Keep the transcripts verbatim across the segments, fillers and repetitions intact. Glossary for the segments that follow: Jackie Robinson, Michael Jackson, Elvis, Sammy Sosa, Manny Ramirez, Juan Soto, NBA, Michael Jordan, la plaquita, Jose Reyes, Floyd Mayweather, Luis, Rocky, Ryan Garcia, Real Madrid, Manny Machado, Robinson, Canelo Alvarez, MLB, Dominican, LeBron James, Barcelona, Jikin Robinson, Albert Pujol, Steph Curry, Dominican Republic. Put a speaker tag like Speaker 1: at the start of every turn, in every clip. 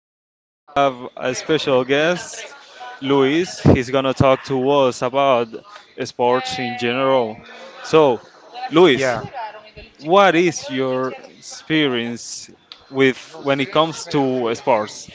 Speaker 1: today I have a special guest, Luis. He's gonna talk to us about sports in general. So, Luis,
Speaker 2: Yeah.
Speaker 1: what is your experience with when it comes to sports?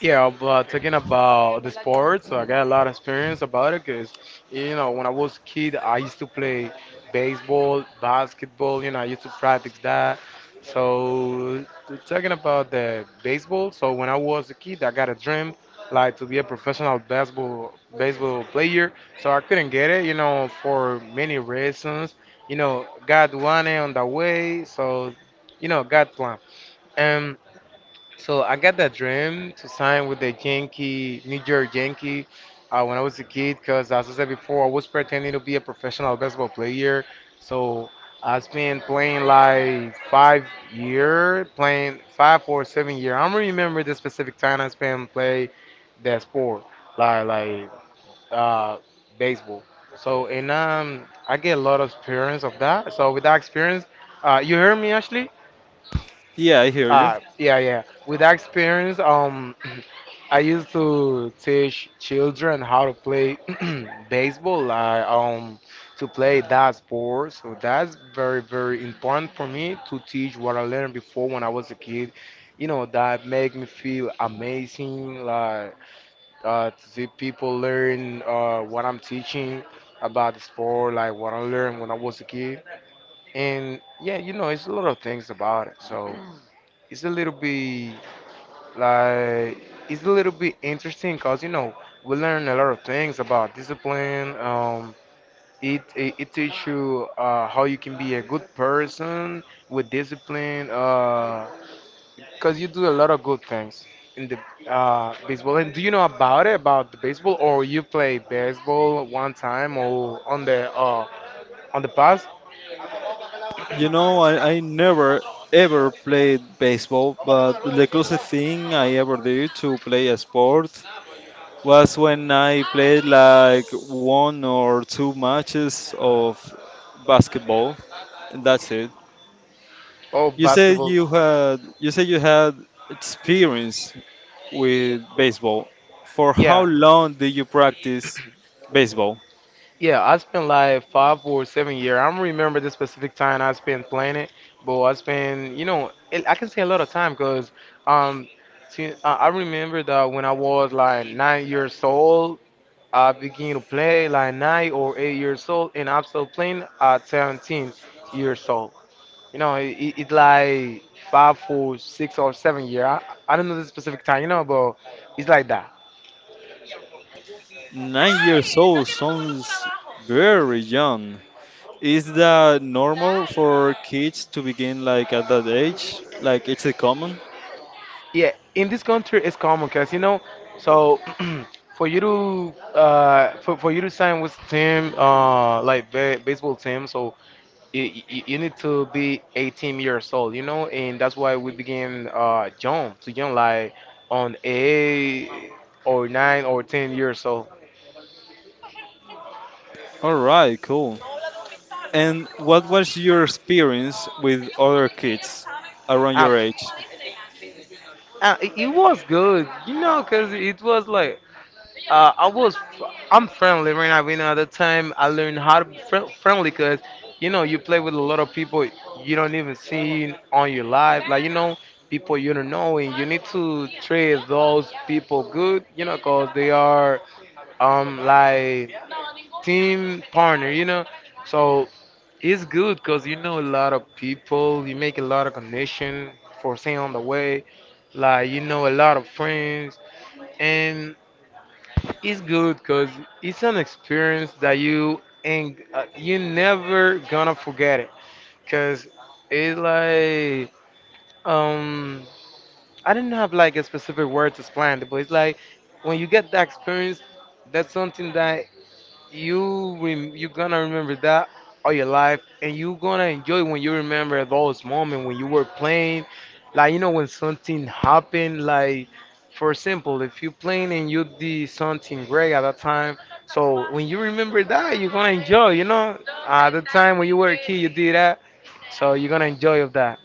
Speaker 2: Yeah, but talking about the sports, so I got a lot of experience about it because, you know, when I was a kid, I used to play baseball, basketball, you know, I used to practice that. So, t- talking about the baseball, so when I was a kid, I got a dream like to be a professional baseball baseball player. So I couldn't get it, you know, for many reasons. You know, God wanted on the way, so, you know, God plan. Um, so I got that dream to sign with the Yankee, New York Yankee, uh, when I was a kid. Because as I said before, I was pretending to be a professional basketball player. So I've been playing like five year, playing five or seven year. I don't remember the specific time I spent play that sport, like like uh, baseball. So and um, I get a lot of experience of that. So with that experience, uh, you heard me, Ashley?
Speaker 1: Yeah, I hear you.
Speaker 2: Uh, yeah, yeah. With that experience, um, I used to teach children how to play baseball, like, um, to play that sport. So that's very, very important for me to teach what I learned before when I was a kid. You know, that make me feel amazing, like, uh, to see people learn uh, what I'm teaching about the sport, like what I learned when I was a kid. And yeah, you know, it's a lot of things about it. So it's a little bit like, it's a little bit interesting because, you know, we learn a lot of things about discipline. Um, it, it, it teaches you uh, how you can be a good person with discipline because you do a lot of good things in the uh, baseball. And do you know about it, about the baseball, or you play baseball one time or on the uh, on the past
Speaker 1: You know, I, I never ever played baseball, but the closest thing I ever did to play a sport was when I played like one or two matches of basketball, and that's it.
Speaker 2: or
Speaker 1: You said
Speaker 2: basketball?
Speaker 1: you had you said you had experience with baseball. For how
Speaker 2: Yeah.
Speaker 1: long did you practice baseball?
Speaker 2: Yeah, I spent like five or seven year. I don't remember the specific time I spent playing it, but I spent, you know, it, I can say a lot of time because um, see, I I remember that when I was like nine years old, I began to play like nine or eight years old, and I'm still playing at seventeen years old. You know, it, it, it like five or six or seven year. I, I don't know the specific time, you know, but it's like that.
Speaker 1: Nine years old sounds very young. Is that normal for kids to begin like at that age? Like it's a common?
Speaker 2: Yeah, in this country it's common because you know, so for you to uh for, for you to sign with team uh like ba baseball team, so you, you, you need to be eighteen years old, you know, and that's why we begin uh young to young like on eight or nine or ten years old.
Speaker 1: All right, cool. And what was your experience with other kids around
Speaker 2: Ah,
Speaker 1: your age?
Speaker 2: Ah, it it was good, you know, because it was like Uh, I was, I'm friendly right now. You know, at the time I learned how to be fri- friendly because, you know, you play with a lot of people you don't even see on your life. Like, you know, people you don't know, and you need to treat those people good, you know, because they are, um, like team partner, you know. So it's good because you know a lot of people, you make a lot of connection for staying on the way, like you know a lot of friends, and it's good because it's an experience that you and uh, you never gonna forget it. Cause it's like um I didn't have like a specific word to explain it, but it's like when you get that experience, that's something that you rem- you gonna remember that all your life, and you gonna enjoy when you remember those moments when you were playing, like you know when something happened. Like for example, if you playing and you did something great at that time, so when you remember that, you're gonna enjoy. You know, at the time when you were a kid, you did that, so you're gonna enjoy of that.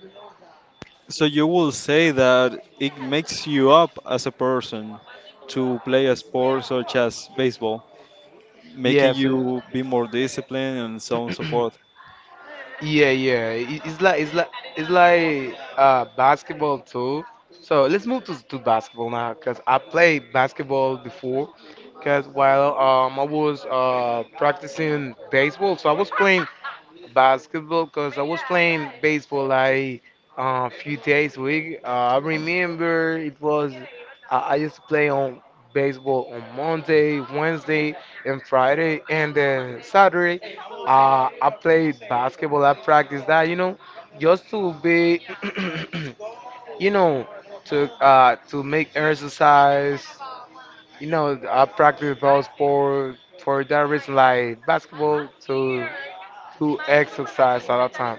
Speaker 1: So you will say that it makes you up as a person to play a sport such as baseball, making
Speaker 2: Yes.
Speaker 1: you be more disciplined and so on and so forth.
Speaker 2: Yeah, yeah. It- It's like it's like it's like uh basketball too. So let's move to to basketball now, cause I played basketball before. Cause while um I was uh practicing baseball, so I was playing basketball because I was playing baseball like a few days a week. Uh, I remember it was I I used to play on baseball on Monday, Wednesday, and Friday, and then Saturday, uh, I play basketball. I practice that, you know, just to be, you know, to uh, to make exercise. You know, I practice those sport for that reason, like basketball, to to exercise all the time.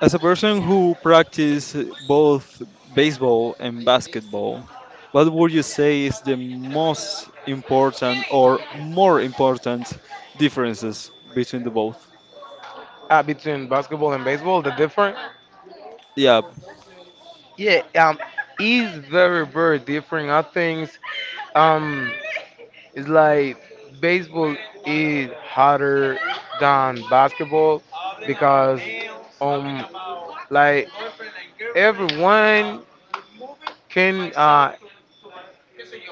Speaker 1: As a person who practice both baseball and basketball, what would you say is the most important or more important differences between the both?
Speaker 2: uh, between basketball and baseball, the difference.
Speaker 1: Yeah.
Speaker 2: Yeah, um, it's very, very different. I think um, it's like baseball is harder than basketball because um, like everyone can uh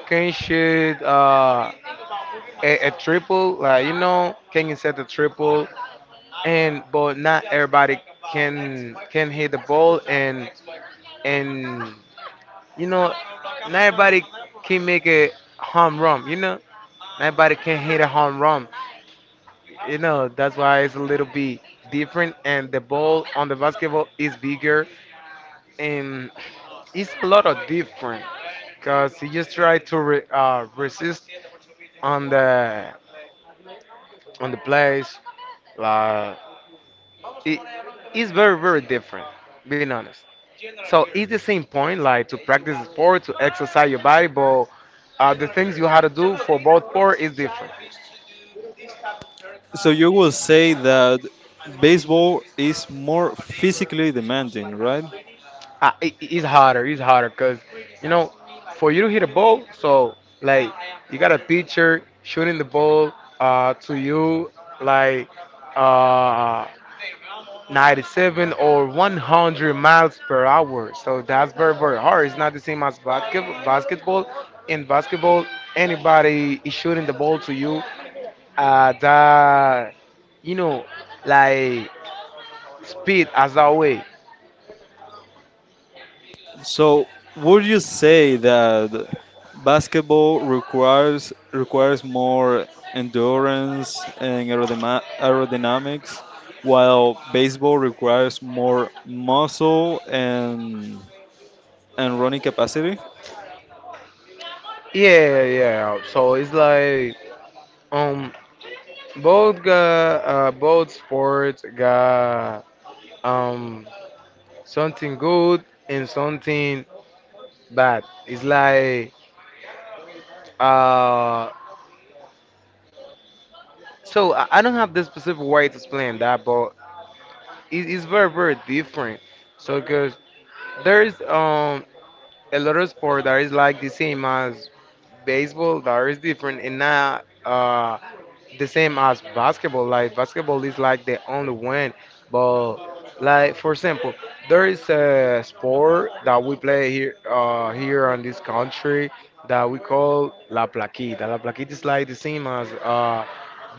Speaker 2: can shoot uh a, a triple, like you know, can set a triple, and but not everybody can can hit the ball and and You know, not everybody can make a home run. You know, not everybody can hit a home run. You know, that's why it's a little bit different, and the ball on the basketball is bigger, and it's a lot of different. Cause he just try to re- uh, resist on the on the place, like it is very very different being honest so it's the same point like to practice sport to exercise your body but uh, the things you have to do for both sport is different
Speaker 1: So you will say that baseball is more physically demanding, right?
Speaker 2: uh, it, it's harder it's harder because you know for you to hit a ball so like you got a pitcher shooting the ball uh, to you like uh, ninety-seven or one hundred miles per hour. So that's very, very hard. It's not the same as basket, basketball. In basketball, anybody is shooting the ball to you at that, you know, like speed as that way.
Speaker 1: So would you say that basketball requires requires more endurance and aerodema- aerodynamics, while baseball requires more muscle and and running capacity?
Speaker 2: Yeah, yeah. So it's like um both got uh, both sports got um something good and something bad. It's like uh so I I don't have the specific way to explain that, but it is very very different. So because there is um a lot of sport that is like the same as baseball, that is different and not uh the same as basketball. Like basketball is like the only one but like for example, there is a sport that we play here uh, here in this country that we call la plaquita. La plaquita is like the same as uh,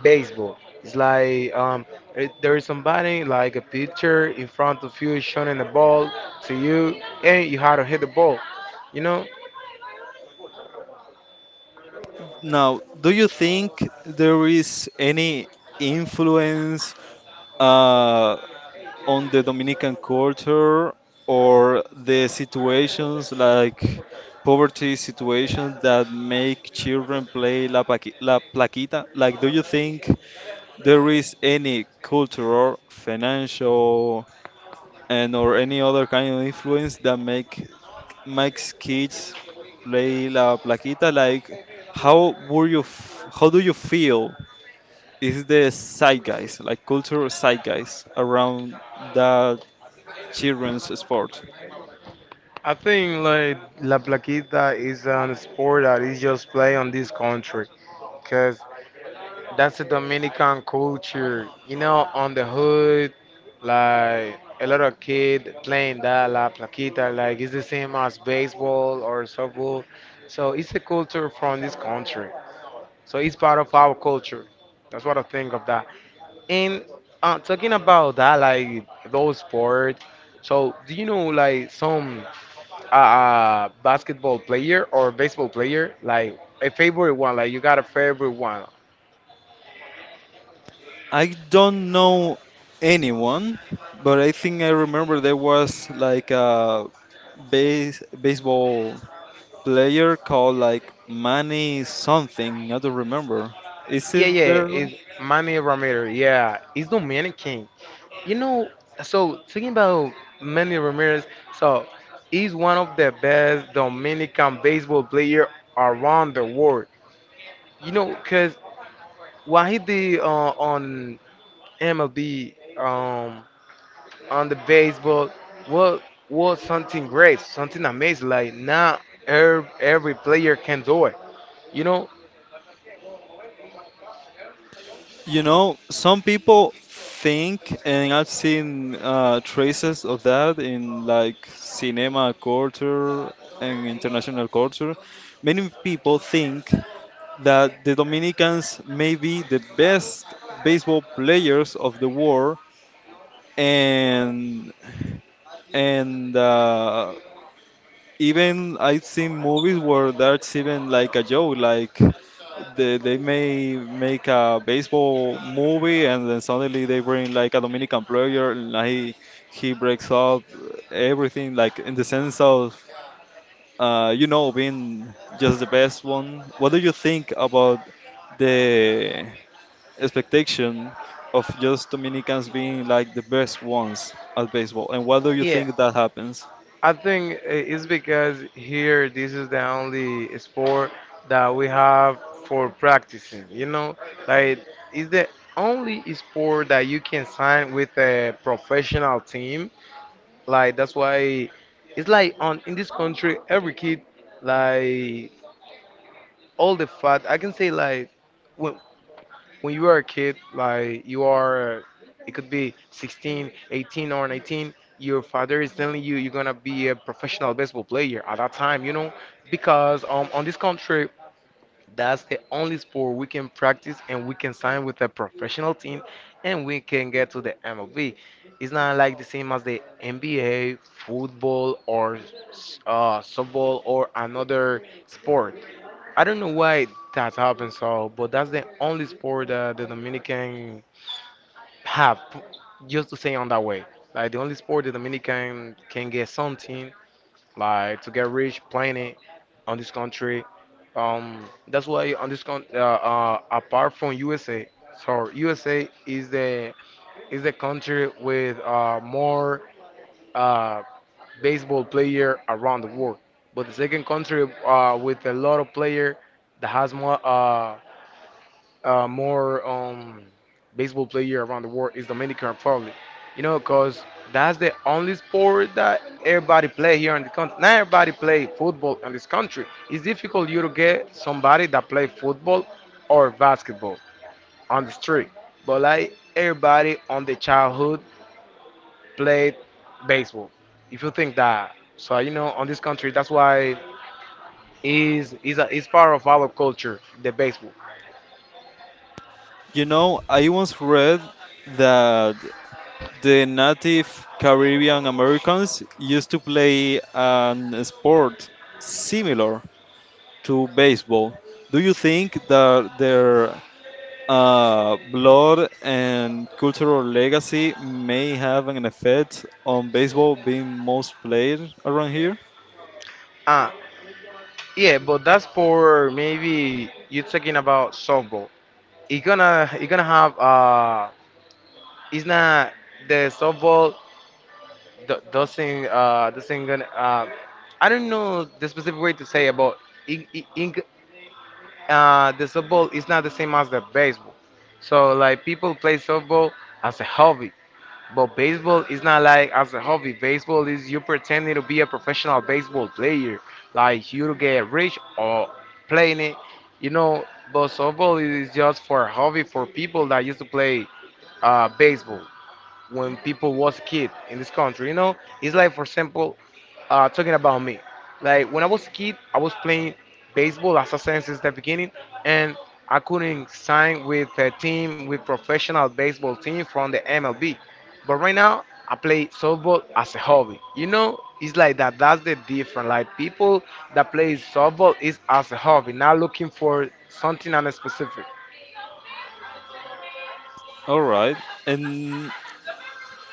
Speaker 2: baseball. It's like um, it, there is somebody like a pitcher in front of you shooting the ball to you, and you have to hit the ball. You know,
Speaker 1: Now, do you think there is any influence? Uh, on the Dominican culture or the situations like poverty situations that make children play la, paqui- la plaquita? Like, do you think there is any cultural, financial, and or any other kind of influence that make makes kids play la plaquita? Like, how would you f how do you feel? Is the zeitgeist, like cultural zeitgeist around that children's sport?
Speaker 2: I think like la plaquita is a sport that is just played on this country. Cause that's the Dominican culture, you know, on the hood, like a lot of kid playing that la plaquita, like it's the same as baseball or softball. So it's a culture from this country. So it's part of our culture. That's what I think of that. And uh, talking about that, like those sports. So do you know like some uh, uh, basketball player or baseball player, like a favorite one? Like you got a favorite one?
Speaker 1: I don't know anyone, but I think I remember there was like a base baseball player called like Manny something. I don't remember. Is
Speaker 2: Yeah,
Speaker 1: it
Speaker 2: yeah,
Speaker 1: there?
Speaker 2: it's Manny Ramirez. Yeah, he's Dominican. You know, so thinking about Manny Ramirez, so he's one of the best Dominican baseball player around the world. You know, cause what he did uh, on M L B, um, on the baseball, was was something great, something amazing. Like not every, every player can do it. You know,
Speaker 1: You know, some people think, and I've seen uh, traces of that in like cinema culture and international culture. Many people think that the Dominicans may be the best baseball players of the world, and and uh, even I've seen movies where that's even like a joke, like they, they may make a baseball movie and then suddenly they bring like a Dominican player and he he breaks up everything, like in the sense of uh, you know being just the best one. What do you think about the expectation of just Dominicans being like the best ones at baseball? And why do you
Speaker 2: yeah.
Speaker 1: think that happens?
Speaker 2: I think it's because here this is the only sport that we have for practicing. You know, like it's the only sport that you can sign with a professional team. Like that's why it's like on in this country every kid like all the fat I can say like when, when you are a kid, like you are, uh, it could be sixteen, eighteen, or nineteen, your father is telling you you're gonna be a professional baseball player at that time, you know, because um, on this country, that's the only sport we can practice and we can sign with a professional team and we can get to the M L B. It's not like the same as the N B A, football, or uh, softball or another sport. I don't know why that happened, so but that's the only sport that the Dominican have. p- Just to say on that way, like the only sport the Dominican can get something, like to get rich playing it on this country. Um, that's why on this con- uh, uh, apart from U S A. So U S A is the is the country with uh, more uh, baseball player around the world, but the second country uh, with a lot of player that has more uh, uh, more um, baseball player around the world is Dominican Republic. You know, cause that's the only sport that everybody play here in the country. Not everybody play football in this country. It's difficult you to get somebody that play football or basketball on the street. But like everybody on the childhood played baseball. If you think that, so you know, on this country, that's why is is a, is part of our culture, the baseball.
Speaker 1: You know, I once read that the native Caribbean Americans used to play an sport similar to baseball. Do you think that their uh, blood and cultural legacy may have an effect on baseball being most played around here?
Speaker 2: Yeah, but that's for maybe you're talking about softball. It gonna it gonna have uh, it's not the softball do, doesn't uh doesn't gonna uh, I don't know the specific way to say about it, but it, it, it- g- uh the softball is not the same as the baseball. So like people play softball as a hobby, but baseball is not like as a hobby. Baseball is you pretending to be a professional baseball player, like you to get rich or playing it, you know. But softball is just for hobby for people that used to play uh, baseball when people was kid in this country. You know, it's like for example, uh, talking about me. Like when I was a kid, I was playing baseball as I said since the beginning, and I couldn't sign with a team with professional baseball team from the M L B. But right now, I play softball as a hobby. You know, it's like that. That's the difference. Like people that play softball is as a hobby, not looking for something on a specific.
Speaker 1: All right. And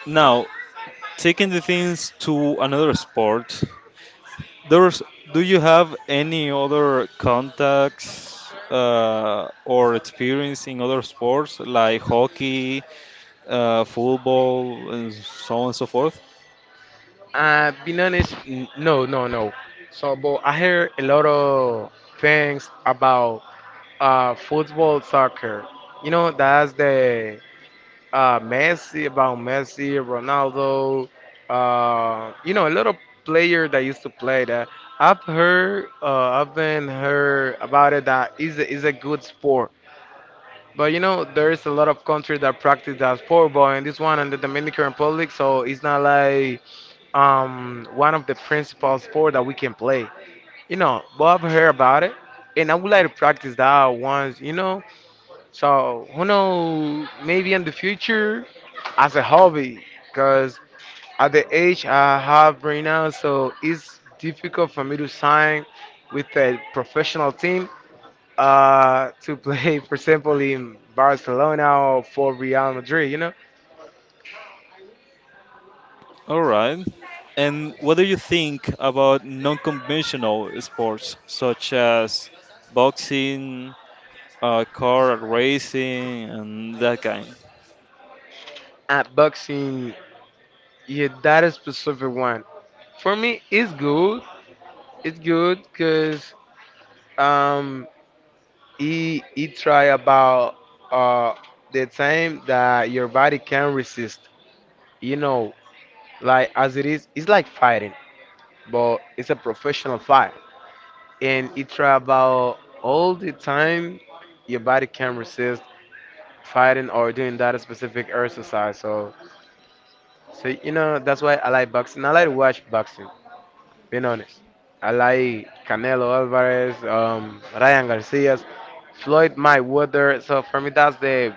Speaker 1: Now, taking the things to another sport, there's do you have any other contacts uh, or experience in other sports like hockey, uh, football, and so on and so forth?
Speaker 2: Uh, being honest, n- no, no, no. So, but I hear a lot of things about uh, football, soccer. You know, that's the uh, Messi, about Messi, Ronaldo. Uh, you know, a lot of player that used to play that. I've heard, uh, I've been heard about it that is a, is a good sport. But you know, there is a lot of countries that practice that sport, but in this one, in the Dominican Republic, so it's not like um, one of the principal sport that we can play. You know, but I've heard about it, and I would like to practice that once. You know, so who knows? Maybe in the future, as a hobby, because at the age I have right now, so it's difficult for me to sign with a professional team uh, to play, for example, in Barcelona or for Real Madrid. You know,
Speaker 1: All right. And what do you think about non-conventional sports such as boxing, uh, car racing, and that kind?
Speaker 2: at boxing, yeah, that is specific one for me it's good. It's good because um, it, it try about uh, the time that your body can resist. You know, like as it is, it's like fighting, but it's a professional fight, and it try about all the time your body can resist fighting or doing that specific exercise. So, so you know that's why I like boxing. I like to watch boxing. Being honest, I like Canelo Alvarez, um, Ryan Garcia's, Floyd Mayweather. So for me, that's the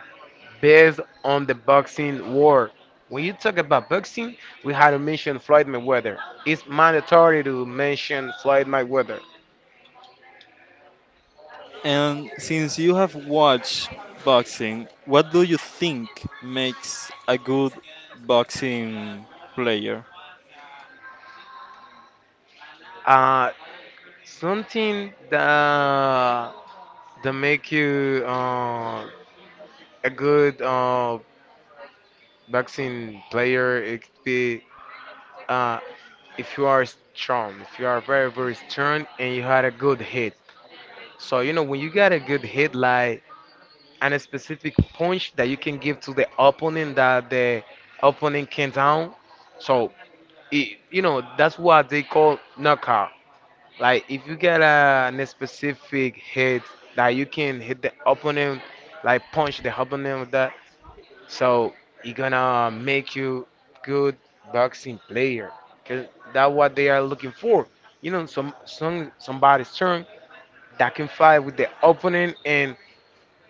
Speaker 2: best on the boxing world. When you talk about boxing, we had to mention Floyd Mayweather. It's mandatory to mention Floyd Mayweather.
Speaker 1: And since you have watched boxing, what do you think makes a good boxing player?
Speaker 2: Uh, something that that make you uh, a good uh, boxing player. It could be uh, if you are strong, if you are very, very strong and you had a good hit. So, you know, when you got a good hit, like and a specific punch that you can give to the opponent that the opponent can down. So, it, you know, that's what they call knockout. Like, if you get a, a specific hit that you can hit the opponent, like punch the opponent with that, so it gonna make you good boxing player, cause that's what they are looking for. You know, some some somebody strong that can fight with the opponent and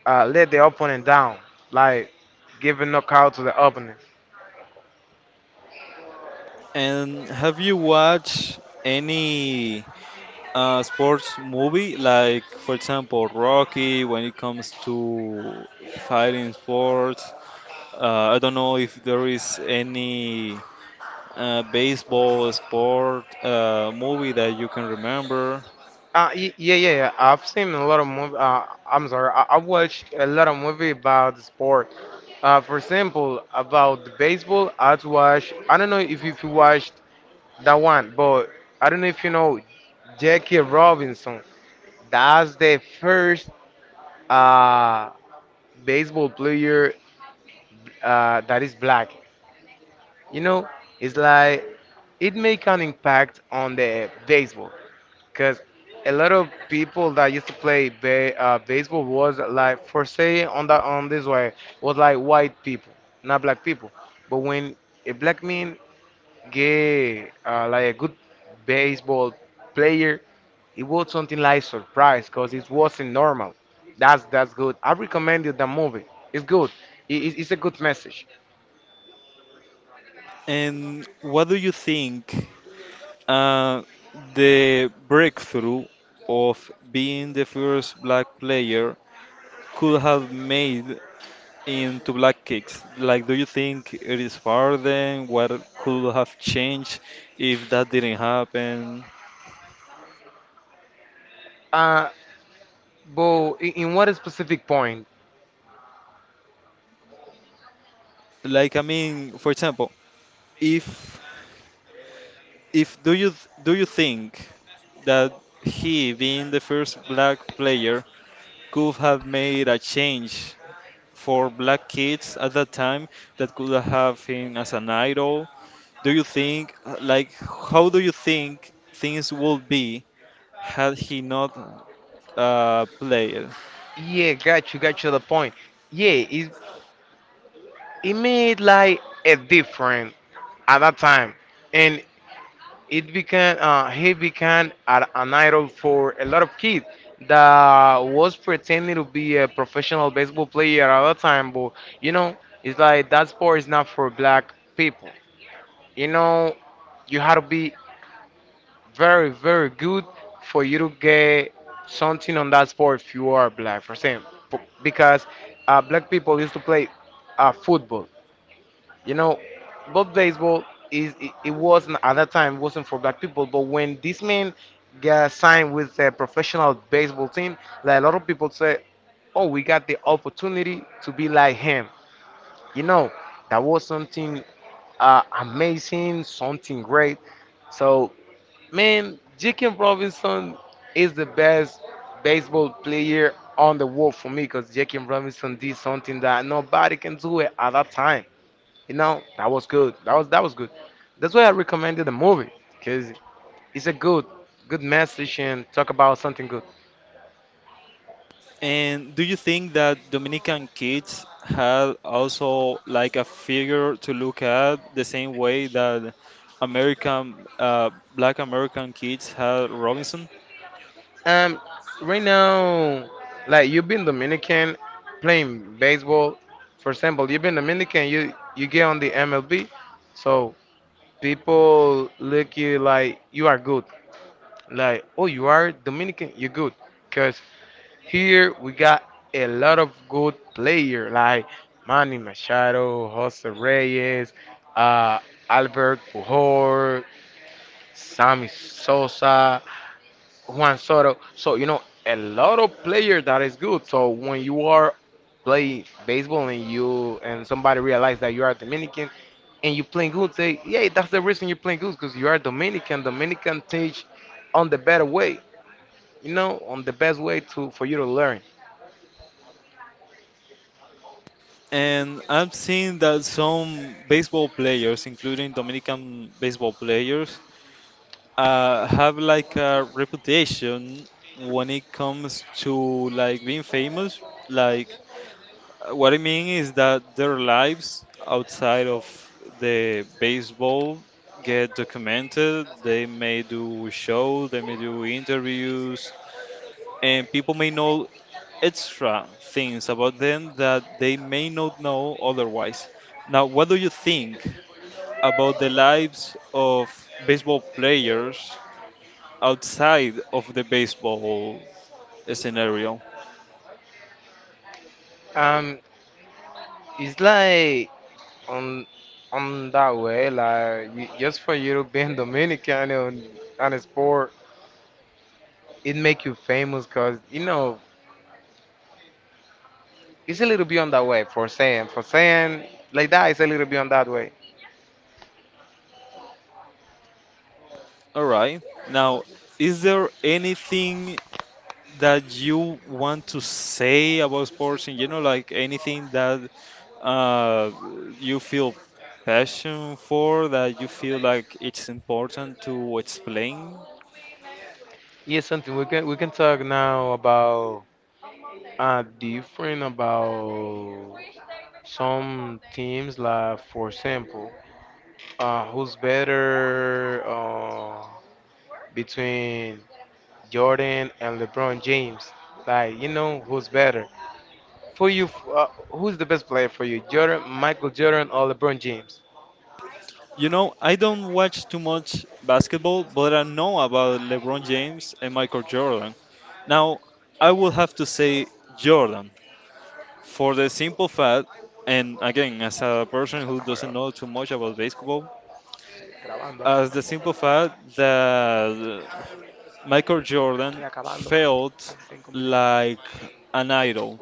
Speaker 2: uh, let the opponent down, like give a knockout to the opponent.
Speaker 1: And have you watched any uh, sports movie, like for example Rocky, when it comes to fighting sports? Uh, I don't know if there is any uh, baseball sport uh, movie that you can remember.
Speaker 2: Uh, y- yeah, yeah, yeah. I've seen a lot of movie. Uh, I'm sorry, I, I watched a lot of movie about the sport. Uh, for example, about the baseball, I'd watch. I don't know if you- if you watched that one, but I don't know if you know Jackie Robinson. That's the first uh, baseball player uh, that is black. You know, it's like it make an impact on the baseball because a lot of people that used to play ba- uh, baseball was like, for say on that on this way, was like white people, not black people. But when a black man get uh, like a good baseball player, it was something like surprise because it wasn't normal. That's that's good. I recommend you that movie. It's good. It, it- it's a good message.
Speaker 1: And what do you think Uh, the breakthrough of being the first black player could have made into black kicks. Like, do you think it is far then? What could have changed if that didn't happen?
Speaker 2: Uh, but in, in what specific point?
Speaker 1: Like, I mean, for example, if if do you do you think that he being the first black player could have made a change for black kids at that time that could have him as an idol. Do you think, uh, like, how do you think things would be had he not uh, played?
Speaker 2: Yeah, got you, got you the point. Yeah, it it made like a different at that time, and it became uh, he became a- an idol for a lot of kids that was pretending to be a professional baseball player at that time, but you know it's like that sport is not for black people, you know, you had to be very, very good for you to get something on that sport if you are black for example, because uh, black people used to play uh, football, you know, but baseball is it, it wasn't, at that time wasn't for black people. But when this man got signed with a professional baseball team, like a lot of people say, "Oh, we got the opportunity to be like him." You know, that was something uh, amazing, something great. So, man, Jikin Robinson is the best baseball player on the world for me because Jikin Robinson did something that nobody can do it at that time. You know, that was good. That was that was good. That's why I recommended the movie because it's a good good message and talk about something good.
Speaker 1: And do you think that Dominican kids had also like a figure to look at the same way that American, uh, Black American kids had Robinson?
Speaker 2: Um, right now, like you've been Dominican playing baseball. For example, you've been Dominican. You you get on the M L B, so people look you like you are good. Like oh, you are Dominican. You're good because here we got a lot of good players like Manny Machado, Jose Reyes, uh, Albert Pujol, Sammy Sosa, Juan Soto. So you know a lot of players that is good. So when you are playing baseball and you and somebody realize that you are Dominican and you playing good, say yeah, that's the reason you're playing good because you are Dominican. Dominican teach on the better way, you know, on the best way to for you to learn.
Speaker 1: And I've seen that some baseball players, including Dominican baseball players, uh, have like a reputation when it comes to like being famous. Like uh, what I mean is that their lives outside of the baseball get documented. They may do shows, they may do interviews, and people may know extra things about them that they may not know otherwise. Now, what do you think about the lives of baseball players outside of the baseball scenario?
Speaker 2: Um, It's like on on that way, like you, just for you to being Dominican and on a sport, it make you famous, cause you know it's a little bit on that way for saying for saying like that. It's a little bit on that way.
Speaker 1: All right. Now, is there anything that you want to say about sports in general? Like anything that uh, you feel passion for, that you feel like it's important to explain?
Speaker 2: Yeah, something we can we can talk now about uh different about some teams like for example uh who's better uh between Jordan and LeBron James. Like, you know who's better for you? f- Uh, who's the best player for you, Jordan, Michael Jordan, or LeBron James?
Speaker 1: You know, I don't watch too much basketball, but I know about LeBron James and Michael Jordan. Now, I will have to say Jordan for the simple fact, and again, as a person who doesn't know too much about basketball, as the simple fact that Michael Jordan felt like an idol.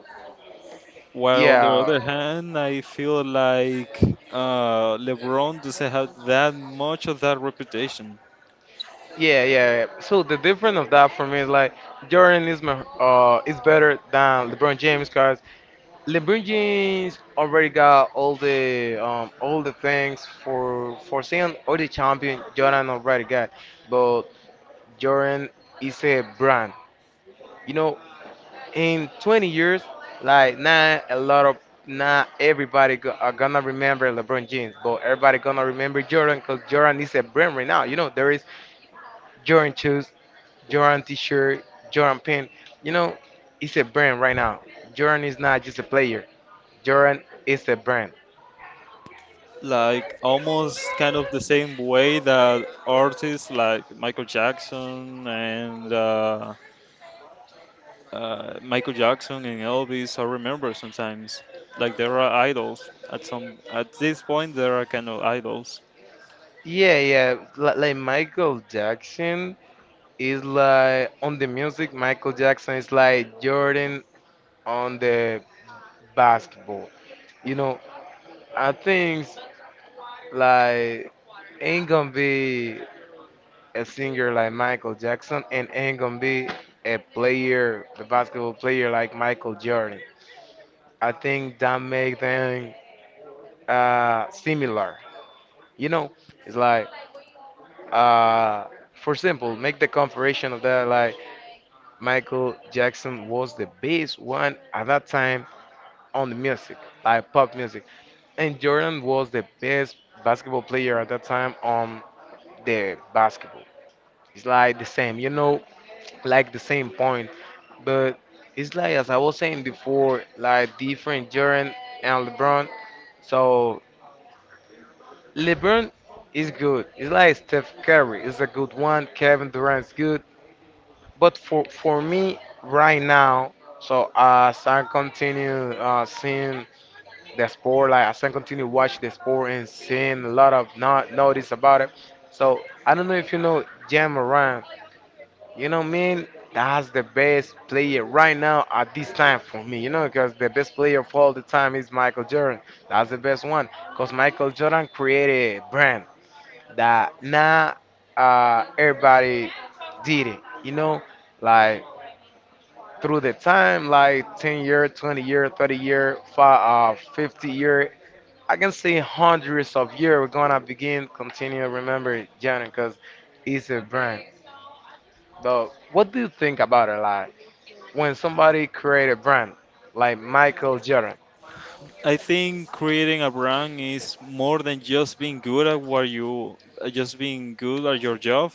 Speaker 1: While on the
Speaker 2: Yeah,
Speaker 1: other hand, I feel like uh, LeBron doesn't have that much of that reputation.
Speaker 2: yeah, yeah. yeah. So the difference of that for me is like Jordan is my, uh is better than LeBron James because LeBron James already got all the um all the things for for saying all the champion Jordan already got, but Jordan is a brand. You know, in twenty years, like not a lot of not everybody go, are gonna remember LeBron James, but everybody gonna remember Jordan because Jordan is a brand right now. You know there is Jordan shoes, Jordan T-shirt, Jordan pin. You know, it's a brand right now. Jordan is not just a player. Jordan is a brand.
Speaker 1: Like almost kind of the same way that artists like Michael Jackson and uh, uh, Michael Jackson and Elvis. I remember sometimes like there are idols at some at this point there are kind of idols.
Speaker 2: Yeah, yeah. Like, like Michael Jackson is like on the music. Michael Jackson is like Jordan on the basketball. You know, I think like ain't gonna be a singer like Michael Jackson and ain't gonna be a player, a basketball player like Michael Jordan. I think that make them uh, similar. You know, it's like uh, for example, make the comparison of that like Michael Jackson was the best one at that time on the music, like pop music, and Jordan was the best basketball player at that time on the basketball. It's like the same, you know, like the same point. But it's like as I was saying before, like different Jordan and LeBron. So LeBron is good. It's like Steph Curry is a good one. Kevin Durant's good. But for for me right now, so as I continue uh, seeing the sport, like as I continue watch the sport and seeing a lot of not notice about it. So I don't know if you know Jam. You know, man, that's the best player right now at this time for me. You know, because the best player of all the time is Michael Jordan. That's the best one. Because Michael Jordan created a brand that now uh, everybody did it. You know, like through the time, like ten year, twenty year, thirty year, five, uh, fifty year. I can say hundreds of years we're gonna begin, continue, remember Jordan because it's a brand. But what do you think about it? Like, when somebody created brand like Michael Jordan.
Speaker 1: I think creating a brand is more than just being good at what you uh, just being good at your job,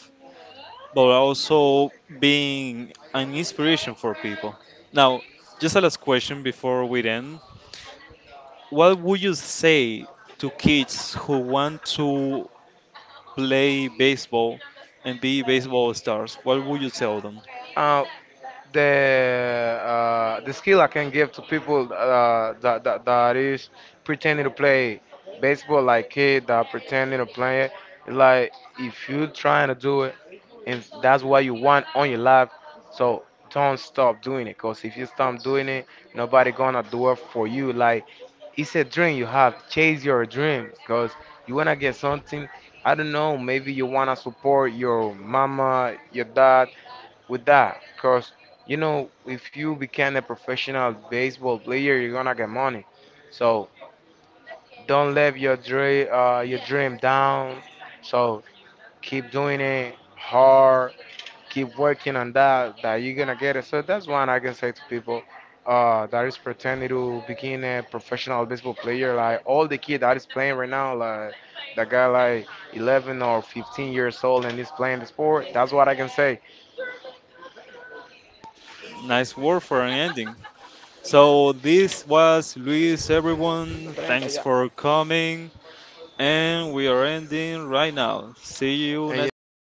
Speaker 1: but also being an inspiration for people. Now, just a last question before we end. What would you say to kids who want to play baseball and be baseball stars? What would you tell them?
Speaker 2: Uh, the uh, the skill I can give to people uh, that, that that is pretending to play baseball like kid that pretending to play it. Like if you trying to do it, and that's what you want on your life, so don't stop doing it. Cause if you stop doing it, nobody gonna do it for you. Like it's a dream you have. Chase your dream, cause you wanna get something. I don't know, maybe you wanna support your mama, your dad with that. Cause you know, if you become a professional baseball player, you're gonna get money. So don't let your dream, uh, your dream down. So keep doing it hard. Keep working on that. That you're gonna get it. So that's one I can say to people. Uh, that is pretending to become a professional baseball player. Like all the kid that is playing right now, like that guy like eleven or fifteen years old and he's playing the sport. That's what I can say.
Speaker 1: Nice word for an ending. So this was Luis, everyone. Thanks for coming. And we are ending right now. See you
Speaker 2: And you,
Speaker 1: next time.